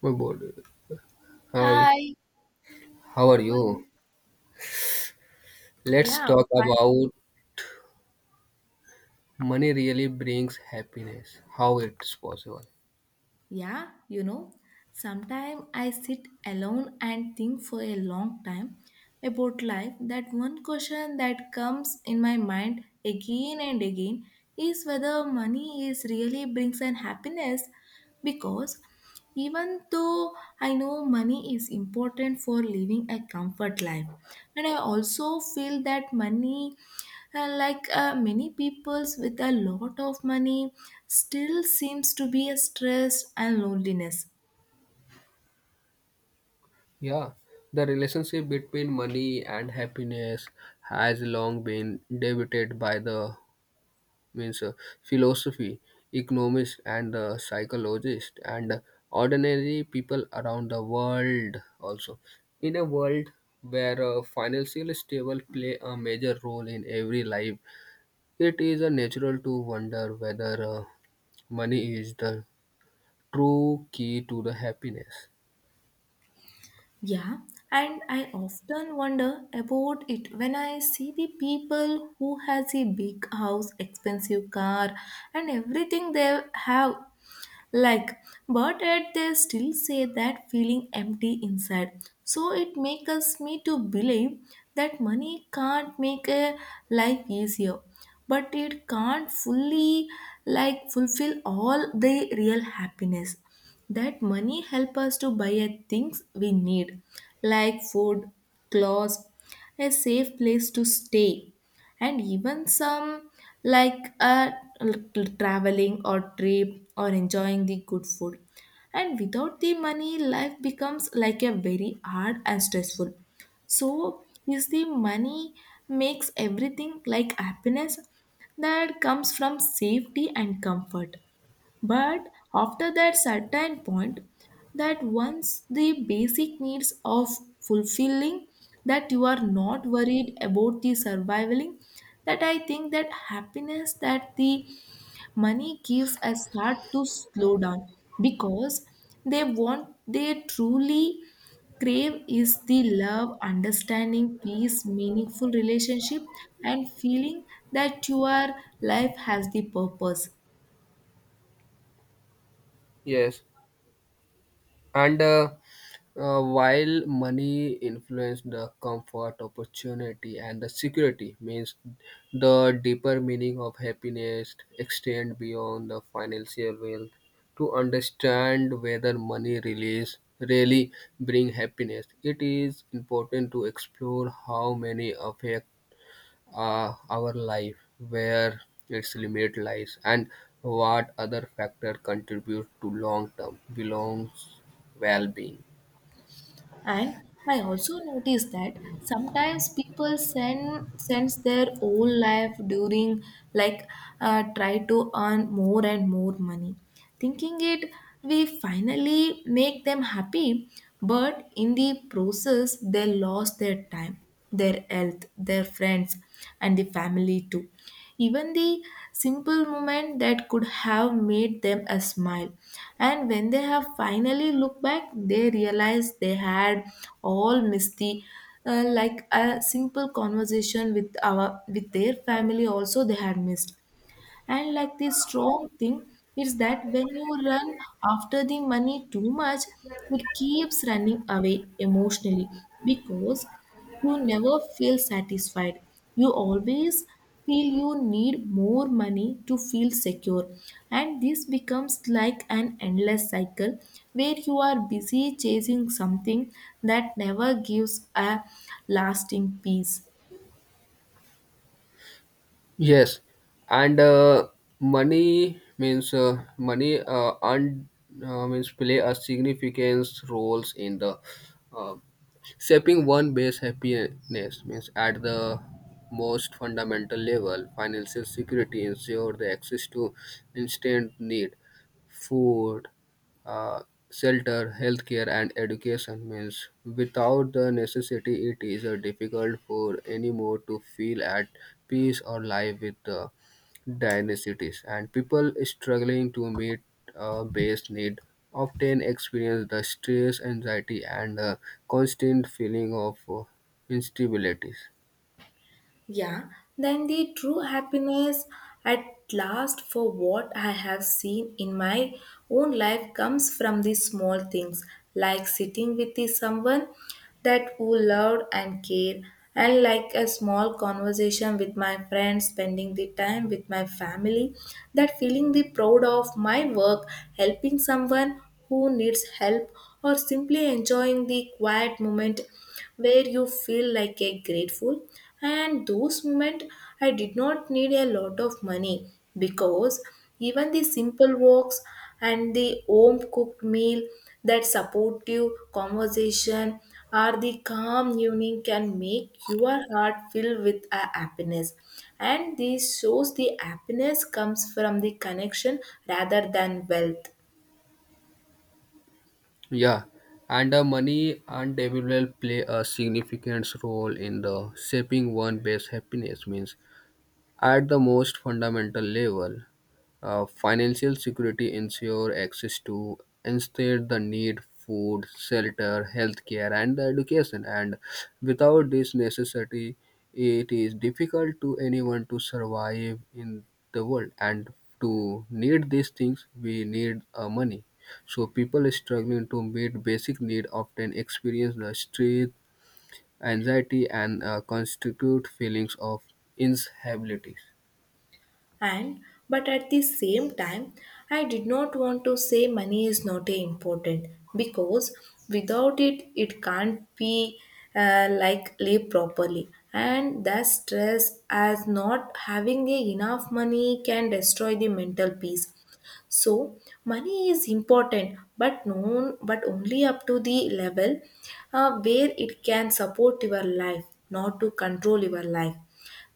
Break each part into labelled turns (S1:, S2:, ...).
S1: My body. Hi,
S2: Hi,
S1: how are
S2: how are
S1: you?
S2: you?
S1: Let's
S2: Yeah, I'm
S1: talk
S2: fine.
S1: about money really brings happiness, how it's possible.
S2: Yeah, you know, Sometimes I sit alone and think for a long time about life. That one question that comes in my mind again and again is whether money is really brings an happiness because even though I know money is important for living a comfort life, and I also feel that money and like many peoples with a lot of money still seems to be a stress and loneliness.
S1: Yeah, the relationship between money and happiness has long been debated by the means philosophy, economists, and the psychologists, and ordinary people around the world also. In a world where financial stable play a major role in every life. It is a natural to wonder whether money is the true key to the happiness.
S2: Yeah, and I often wonder about it when I see the people who has a big house expensive car and everything they have, like, but yet they still say that feeling empty inside. So it makes us me to believe that money can't make a life easier but it can't fully, like, fulfill all the real happiness. That money help us to buy a things we need like food, clothes, a safe place to stay, and even some, like, a traveling or trip or enjoying the good food. And without the money life becomes like a very hard and stressful. So is the money makes everything like happiness that comes from safety and comfort, but after that certain point, that once the basic needs of fulfilling, that you are not worried about the surviving, that I think that happiness that the money gives a start to slow down because they truly crave is the love, understanding, peace, meaningful relationship, and feeling that your life has the purpose.
S1: Yes, and while money influences the comfort, opportunity, and the security, means the deeper meaning of happiness extend beyond the financial wealth. To understand whether money release really bring happiness, it is important to explore how many affect our life, where its limit lies, and what other factors contribute to long-term belongs well-being.
S2: And I also noticed that sometimes people sends their whole life during, like, try to earn more and more money, thinking it we finally make them happy, but in the process they lost their time, their health, their friends, and the family too, even the simple moment that could have made them a smile. And when they have finally looked back they realize they had all missed the, like a simple conversation with our with their family also they had missed. And like this strong thing is that when you run after the money too much, it keeps running away emotionally because you never feel satisfied. You always feel you need more money to feel secure. And this becomes like an endless cycle where you are busy chasing something that never gives a lasting peace.
S1: Yes, and money means money earned means play a significant roles in the uh, shaping one base happiness means at the most fundamental level financial security ensure the access to instant need food, uh, shelter, healthcare, and education means without the necessity, it is difficult for any more to feel at peace or live with the dynasties. And people struggling to meet base need often experience the stress, anxiety, and constant feeling of instabilities.
S2: Yeah, then the true happiness at last for what I have seen in my own life comes from the small things like sitting with the someone that who loved and care, and like a small conversation with my friends, spending the time with my family, that feeling the proud of my work, helping someone who needs help, or simply enjoying the quiet moment where you feel like a grateful. And those moments I did not need a lot of money because even the simple walks and the home cooked meal, that supportive conversation or the calm evening can make your heart fill with a happiness. And this shows the happiness comes from the connection rather than wealth.
S1: Yeah, and money and development play a significant role in the shaping one base happiness means at the most fundamental level, financial security ensures access to instead the need food, shelter, healthcare, and education. And without this necessity, it is difficult to anyone to survive in the world. And to need these things, we need money. So people struggling to meet basic need often experience the stress, anxiety, and constitute feelings of instability.
S2: And but at the same time I did not want to say money is not a important because without it it can't be, like, live properly and that stress as not having a enough money can destroy the mental peace. So money is important but known but only up to the level where it can support your life not to control your life.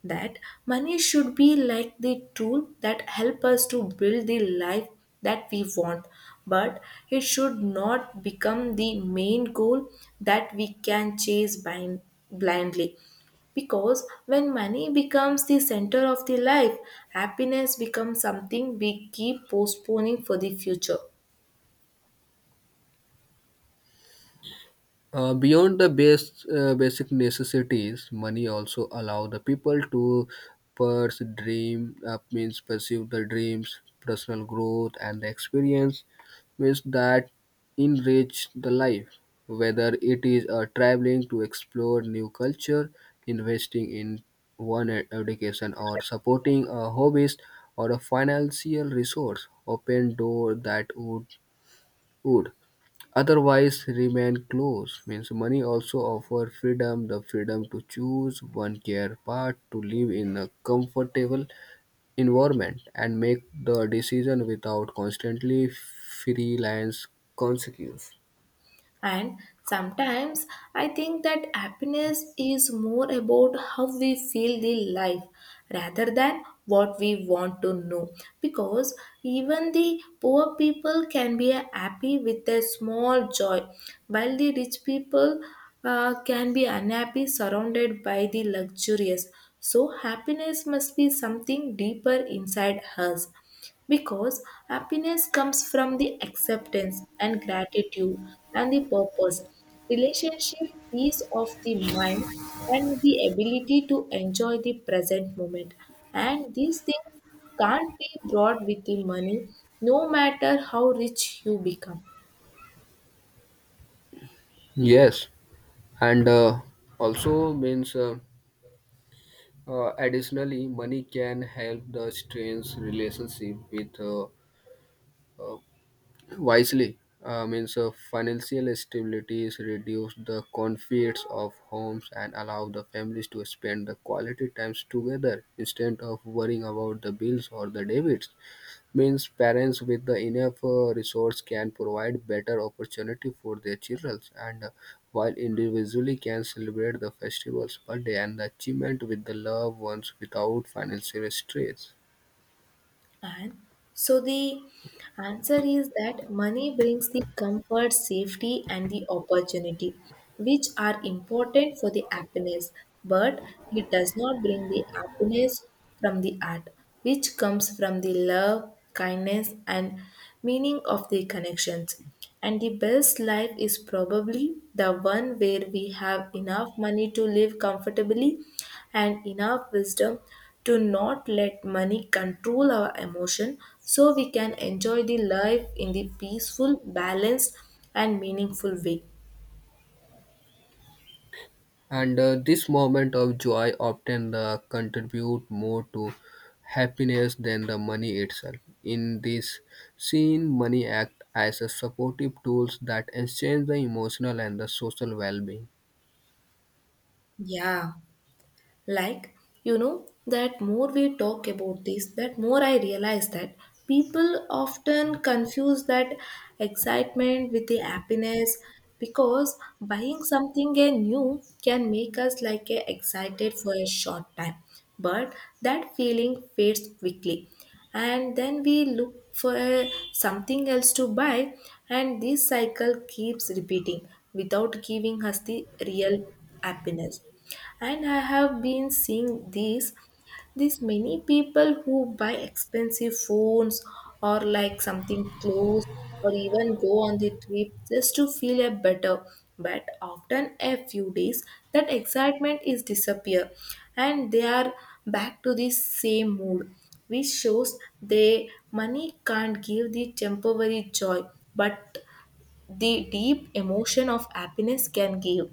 S2: That money should be like the tool that help us to build the life that we want, but it should not become the main goal that we can chase blindly. Because when money becomes the center of the life, happiness becomes something we keep postponing for the future.
S1: Beyond the base, basic necessities, money also allow the people to pursue dream, means pursue the dreams, personal growth, and the experience means that enrich the life. Whether it is traveling to explore new culture, investing in education, or supporting a hobbies or a financial resource, open door that would would otherwise remain close means money also offer freedom, the freedom to choose one care part, to live in a comfortable environment and make the decision without constantly freelance consequence.
S2: And sometimes I think that happiness is more about how we feel the life rather than what we want to know. Because even the poor people can be happy with a small joy, while the rich people can be unhappy surrounded by the luxurious. So, happiness must be something deeper inside us because happiness comes from the acceptance and gratitude and the purpose, relationship, peace of the mind, and the ability to enjoy the present moment. And these things can't be brought with the money, no matter how rich you become.
S1: Yes, and also means additionally money can help the strains relationship with uh, wisely, means financial stabilities reduce the conflicts of homes and allow the families to spend the quality times together instead of worrying about the bills or the debits. Means parents with the enough resource can provide better opportunity for their children, and while individually can celebrate the festivals birthday and the achievement with the loved ones without financial stress.
S2: And so the answer is that money brings the comfort, safety, and the opportunity, which are important for the happiness, but it does not bring the happiness from the art, which comes from the love, kindness, and meaning of the connections. And the best life is probably the one where we have enough money to live comfortably and enough wisdom to not let money control our emotion so we can enjoy the life in the peaceful, balanced, and meaningful way.
S1: And this moment of joy often contribute more to happiness than the money itself. In this scene money act as a supportive tools that exchange the emotional and the social well-being.
S2: Yeah. Like, that more we talk about this, that more I realize that people often confuse that excitement with the happiness because buying something new can make us like excited for a short time, but that feeling fades quickly and then we look for something else to buy, and this cycle keeps repeating without giving us the real happiness. And I have been seeing these these many people who buy expensive phones or like something clothes or even go on the trip just to feel a better, but often a few days that excitement is disappear and they are back to the same mood, which shows the money can't give the temporary joy, but the deep emotion of happiness can give.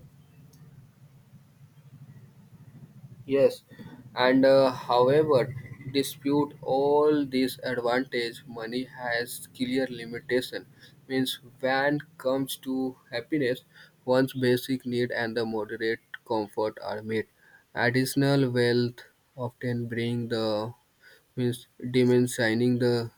S1: Yes, and however, dispute all these advantage, money has clear limitation. Means when comes to happiness, one's basic need and the moderate comfort are met. Additional wealth often bring the means dimensioning the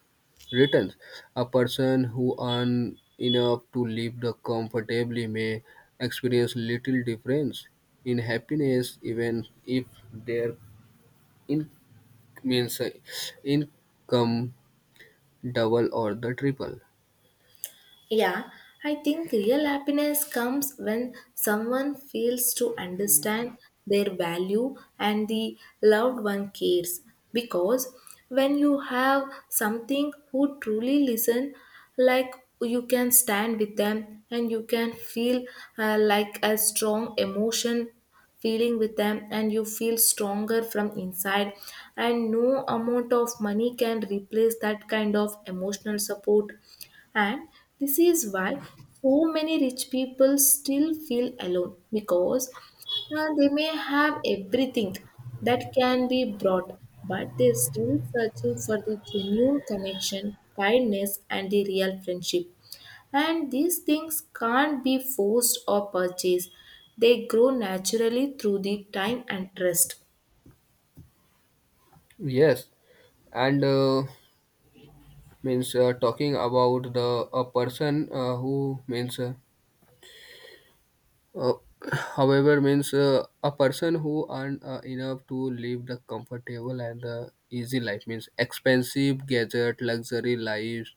S1: returns. A person who earns enough to live the comfortably may experience little difference in happiness even if their in- means income double or the triple.
S2: Yeah, I think real happiness comes when someone feels to understand their value and the loved one cares. Because when you have something who truly listen, like, you can stand with them and you can feel, like a strong emotion feeling with them and you feel stronger from inside, and no amount of money can replace that kind of emotional support. And this is why so many rich people still feel alone because they may have everything that can be brought, but they're still searching for the genuine connection, kindness, and the real friendship. And these things can't be forced or purchased, they grow naturally through the time and trust.
S1: Yes, and means talking about the a person who means Uh, however, means a person who earn enough to live the comfortable and the easy life means expensive gadget, luxury lives,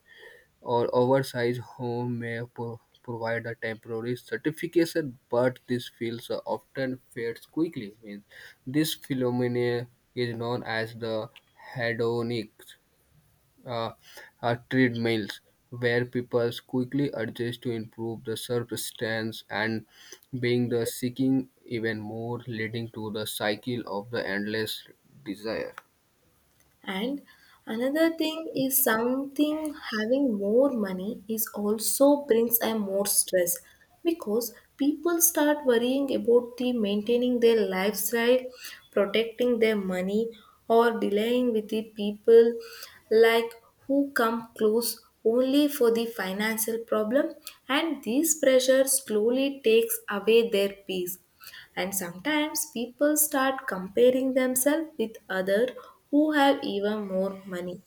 S1: or oversized home may provide a temporary certification, but this feels often fades quickly. Means this phenomenon is known as the hedonic, uh, treadmills, where people quickly adjust to improve the surface and being the seeking even more, leading to the cycle of the endless desire.
S2: And another thing is something having more money is also brings a more stress because people start worrying about the maintaining their lifestyle, protecting their money, or delaying with the people, like, who come close only for the financial problem. And this pressure slowly takes away their peace. And sometimes people start comparing themselves with others who have even more money,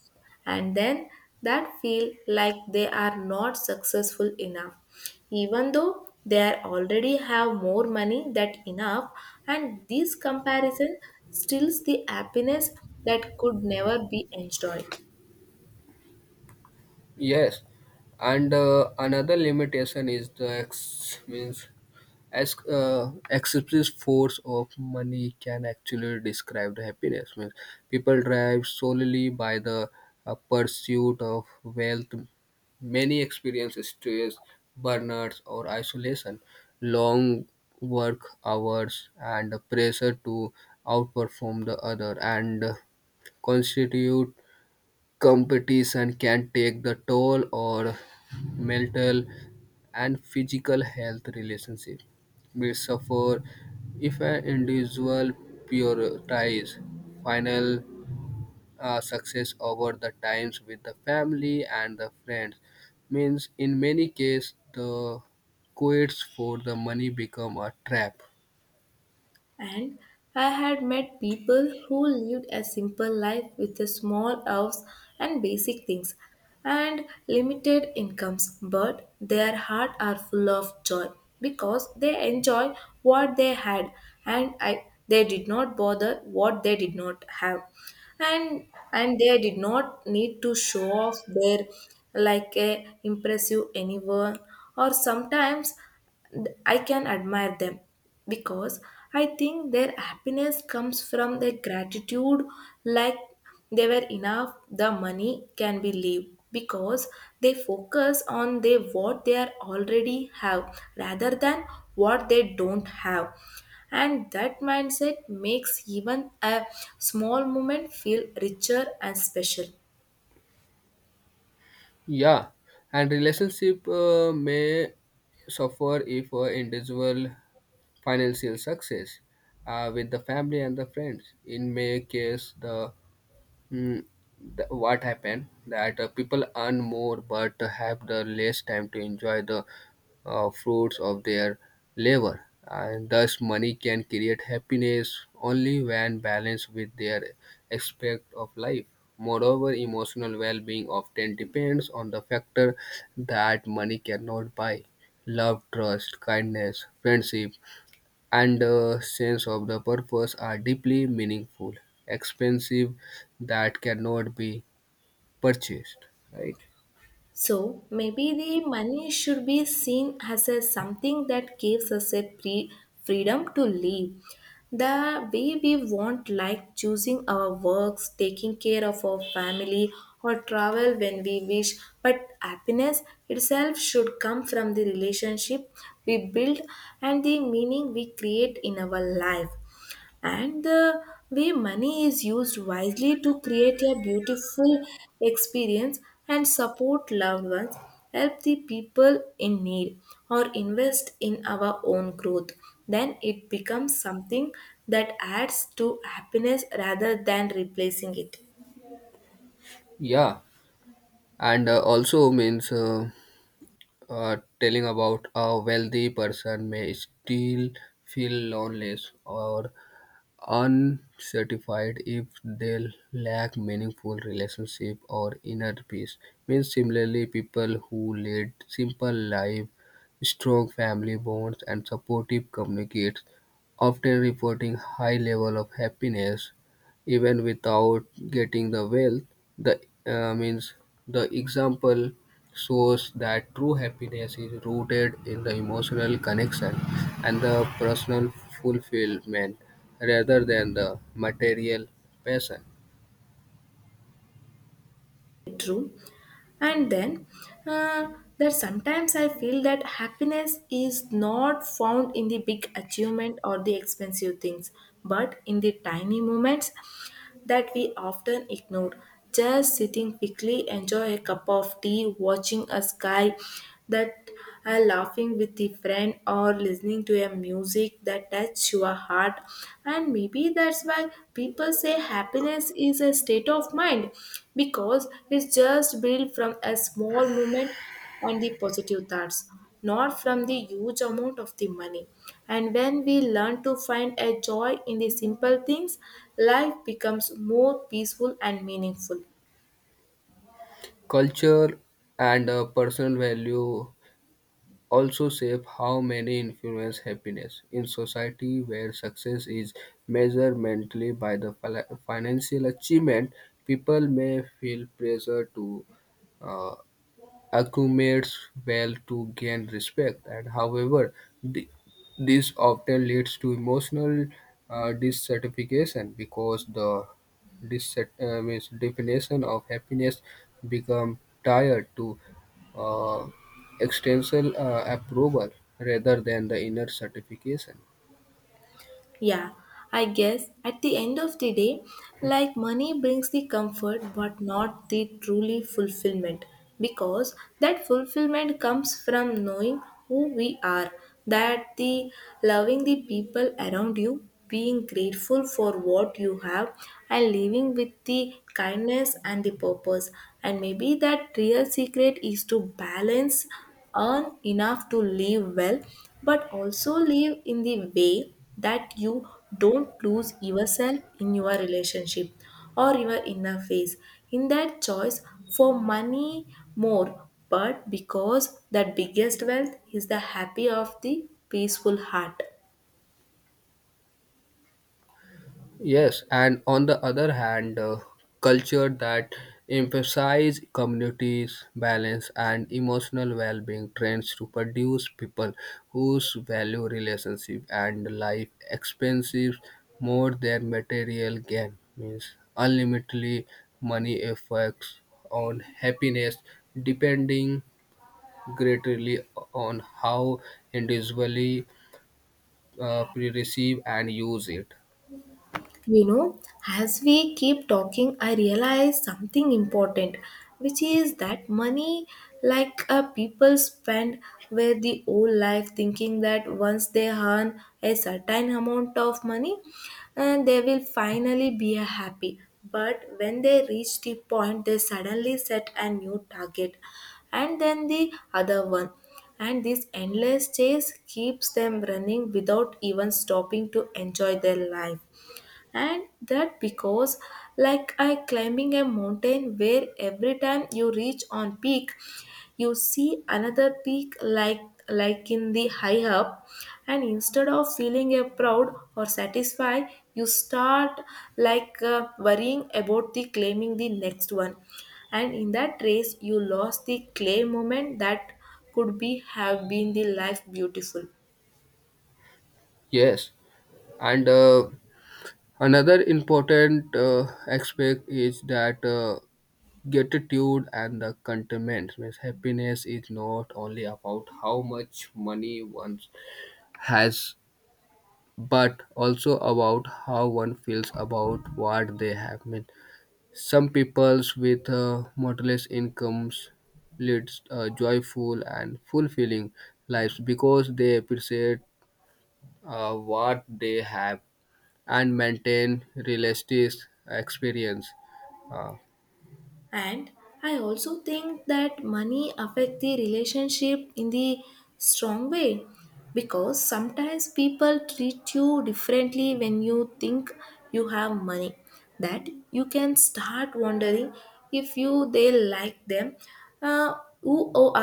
S2: and then that feel like they are not successful enough even though they are already have more money that enough. And this comparison steals the happiness that could never be enjoyed.
S1: Yes, and another limitation is the ex means as excessive force of money can actually describe the happiness. Means people drive solely by the pursuit of wealth. Many experience stress, burnouts, or isolation, long work hours, and the pressure to outperform the other, and constitute competition can take the toll on mental and physical health. Relationship may suffer if an individual prioritizes final success over the times with the family and the friends means in many cases the quits for the money become a trap.
S2: And I had met people who lived a simple life with a small house and basic things and limited incomes, but their heart are full of joy because they enjoy what they had, and they did not bother what they did not have. and and they did not need to show off their, like, a impressive anyone. Or sometimes I can admire them because I think their happiness comes from their gratitude, like, they were enough, the money can be leave because they focus on they what they are already have rather than what they don't have. And that mindset makes even a small moment feel richer and special.
S1: Yeah, and relationship may suffer if individual financial success with the family and the friends. In many case, the Mm, what happened that people earn more but have the less time to enjoy the fruits of their labor, and thus money can create happiness only when balanced with their aspect of life. Moreover emotional well-being often depends on the factor that money cannot buy: love, trust, kindness, friendship, and a sense of the purpose are deeply meaningful, expensive, that cannot be purchased, right?
S2: So maybe the money should be seen as a something that gives us a freedom to live the way we want, like choosing our works, taking care of our family, or travel when we wish. But happiness itself should come from the relationship we build and the meaning we create in our life. And the way money is used wisely to create a beautiful experience and support loved ones, help the people in need, or invest in our own growth, then it becomes something that adds to happiness rather than replacing it.
S1: Yeah, and also means telling about a wealthy person may still feel lonely or unsatisfied if they lack meaningful relationship or inner peace. Means similarly, people who lead simple life, strong family bonds, and supportive communities often reporting high level of happiness even without getting the wealth. The means the example shows that true happiness is rooted in the emotional connection and the personal fulfillment rather than the material passion.
S2: True, and then uh, that sometimes I feel that happiness is not found in the big achievement or the expensive things, but in the tiny moments that we often ignore. Just sitting quickly, enjoy a cup of tea, watching a sky that, laughing with a friend or listening to a music that touch your heart. And maybe that's why people say happiness is a state of mind because it's just built from a small moment and the positive thoughts, not from the huge amount of the money. And when we learn to find a joy in the simple things, life becomes more peaceful and meaningful.
S1: Culture and personal value also shape how many influence happiness. In society where success is measured mentally by the financial achievement, people may feel pressure to uh, accumulates wealth to gain respect, and however, th- this often leads to emotional dissatisfaction because the means definition of happiness become tied to uh, external approval rather than the inner satisfaction.
S2: Yeah, I guess at the end of the day, like money brings the comfort but not the truly fulfillment because that fulfillment comes from knowing who we are, that the loving the people around you, being grateful for what you have and living with the kindness and the purpose. And maybe that real secret is to balance, earn enough to live well, but also live in the way that you don't lose yourself in your relationship or your inner face. In that choice, for money more, but because the biggest wealth is the happy of the peaceful heart.
S1: Yes, and on the other hand, culture that emphasize communities, balance, and emotional well-being trends to produce people whose value relationship and life expenses more than material gain. Means unlimitedly money affects on happiness, depending greatly on how individually pre-receive and use it.
S2: You know, as we keep talking, I realize something important, which is that money, like people spend where the whole life thinking that once they earn a certain amount of money, and they will finally be a happy. But when they reach the point, they suddenly set a new target, and then the other one. And this endless chase keeps them running without even stopping to enjoy their life. And that because like I climbing a mountain where every time you reach on peak, you see another peak, like in the high up, and instead of feeling a proud or satisfied, you start like worrying about the claiming the next one, and in that race you lost the clay moment that could be have been the life beautiful.
S1: Yes, and. Another important aspect is that gratitude and the contentment. Means happiness is not only about how much money one has, but also about how one feels about what they have. Means some peoples with modest incomes leads joyful and fulfilling lives because they appreciate what they have and maintain realistic experience. Uh,
S2: And I also think that money affect the relationship in the strong way, because sometimes people treat you differently when you think you have money, that you can start wondering if you they like them, uh, who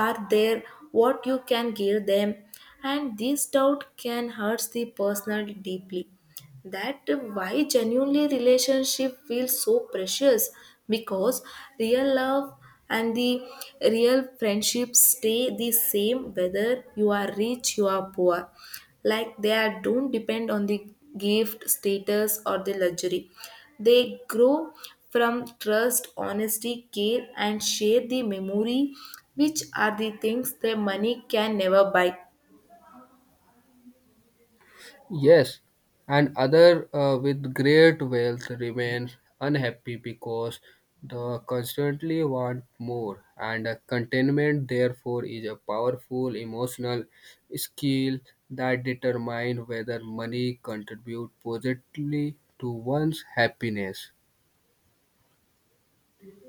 S2: are there, what you can give them, and this doubt can hurt the person deeply. That why genuinely relationship feels so precious, because real love and the real friendship stay the same whether you are rich you are poor, like they are don't depend on the gift status or the luxury. They grow from trust honesty care and share the memory, which are the things that money can never buy.
S1: yes, and other with great wealth remains unhappy because they constantly want more, and contentment therefore is a powerful emotional skill that determines whether money contributes positively to one's happiness.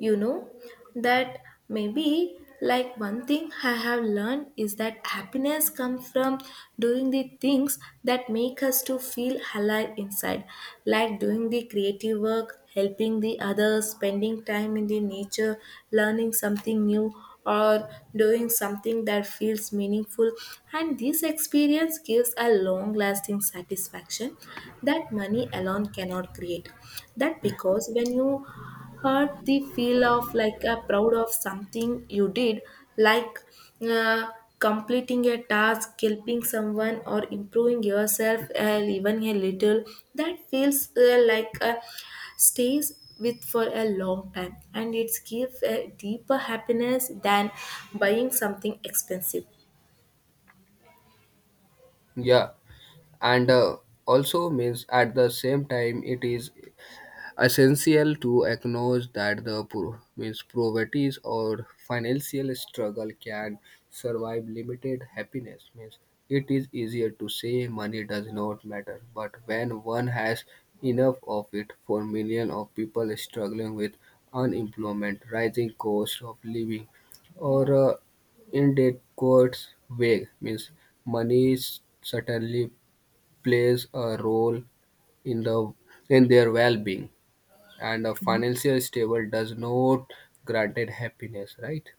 S2: You know that maybe like one thing I have learned is that happiness comes from doing the things that make us to feel alive inside, like doing the creative work, helping the others, spending time in the nature, learning something new, or doing something that feels meaningful. And this experience gives a long lasting satisfaction that money alone cannot create. That because when you hurt the feel of like a proud of something you did, like uh, completing a task, helping someone, or improving yourself, even a little, that feels like a stays with for a long time, and it gives a deeper happiness than buying something expensive.
S1: Yeah, and also means at the same time it is essential to acknowledge that the means poverty or financial struggle can survive limited happiness means it is easier to say money does not matter but when one has enough of it. For millions of people struggling with unemployment, rising cost of living, or inadequate wage means money certainly plays a role in the in their well-being, and a financial stable does not granted happiness, right?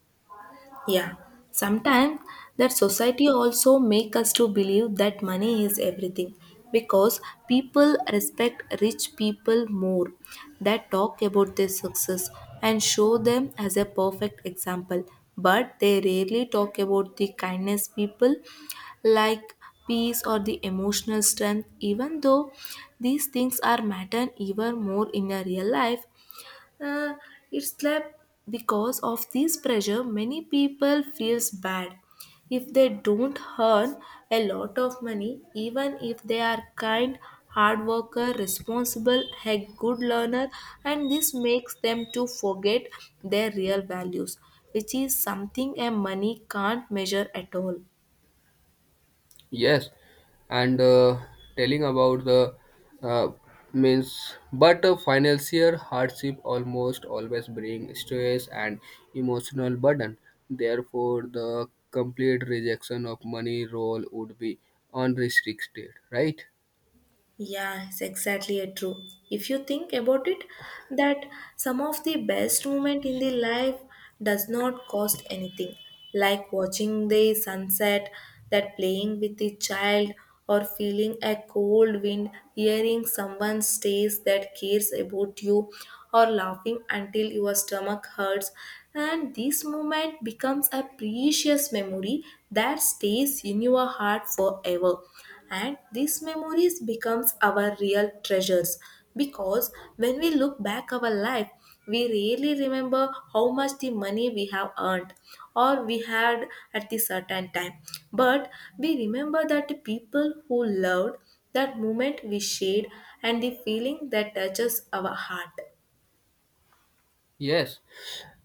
S2: Yeah, sometimes that society also make us to believe that money is everything, because people respect rich people more, that talk about their success and show them as a perfect example, but they rarely talk about the kindness people, like peace or the emotional strength, even though these things are matter even more in a real life. uh, it's like because of this pressure, many people feels bad if they don't earn a lot of money, even if they are kind, hard worker, responsible, a good learner, and this makes them to forget their real values, which is something a money can't measure at all.
S1: Yes, and telling about the uh, means but a financial hardship almost always bring stress and emotional burden, therefore the complete rejection of money role would be unrestricted, right?
S2: Yeah, it's exactly a true. If you think about it, that some of the best moment in the life does not cost anything, like watching the sunset, that playing with the child, or feeling a cold wind, hearing someone's stays that cares about you, or laughing until your stomach hurts. And this moment becomes a precious memory that stays in your heart forever, and these memories becomes our real treasures, because when we look back our life, we really remember how much the money we have earned or we had at the certain time, but we remember that the people who loved, that moment we shared, and the feeling that touches our heart.
S1: Yes,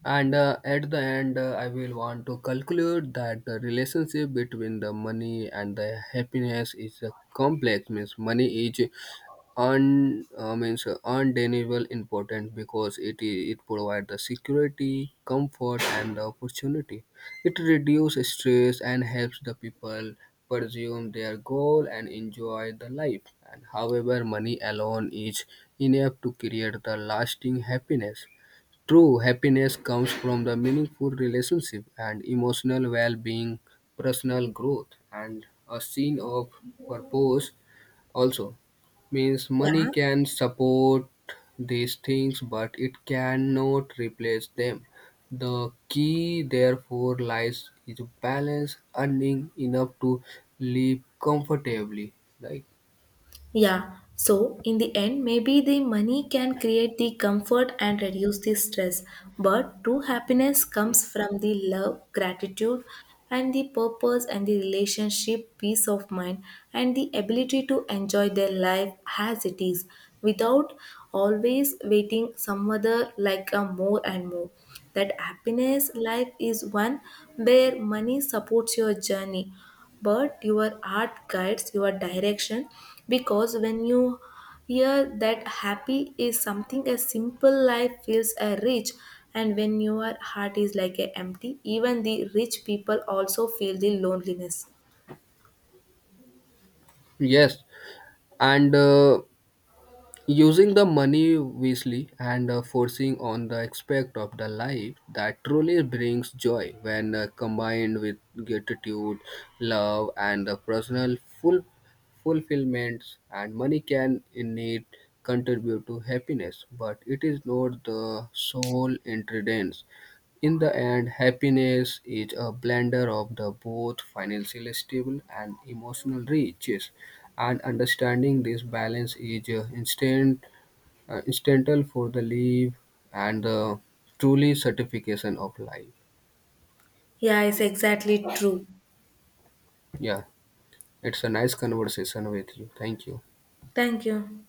S1: and at the end, I will want to conclude that the relationship between the money and the happiness is a complex. Means money is un means undeniable important because it provides the security, comfort, and the opportunity. It reduces stress and helps the people pursue their goal and enjoy the life. And however, money alone is enough to create the lasting happiness. True happiness comes from the meaningful relationship and emotional well-being, personal growth, and a sense of purpose. Also, means money can support these things, but it cannot replace them. The key, therefore, lies is balance, earning enough to live comfortably. Like
S2: Yeah, so in the end, maybe the money can create the comfort and reduce the stress, but true happiness comes from the love, gratitude, and the purpose and the relationship, peace of mind, and the ability to enjoy their life as it is without always waiting some other like a more and more. That happiness life is one where money supports your journey but your art guides your direction, because when you hear that happy is something a simple life feels a rich, and when your heart is like a empty, even the rich people also feel the loneliness.
S1: yes, and. Using the money wisely and forcing on the aspect of the life that truly brings joy, when combined with gratitude, love, and the personal full fulfillments, and money can indeed contribute to happiness, but it is not the sole ingredients. In the end, happiness is a blender of the both financial stable and emotional riches, and understanding this balance is instant, instantal for the live and the truly certification of life.
S2: Yeah, it's exactly true.
S1: Yeah, it's a nice conversation with you. Thank you.
S2: Thank you.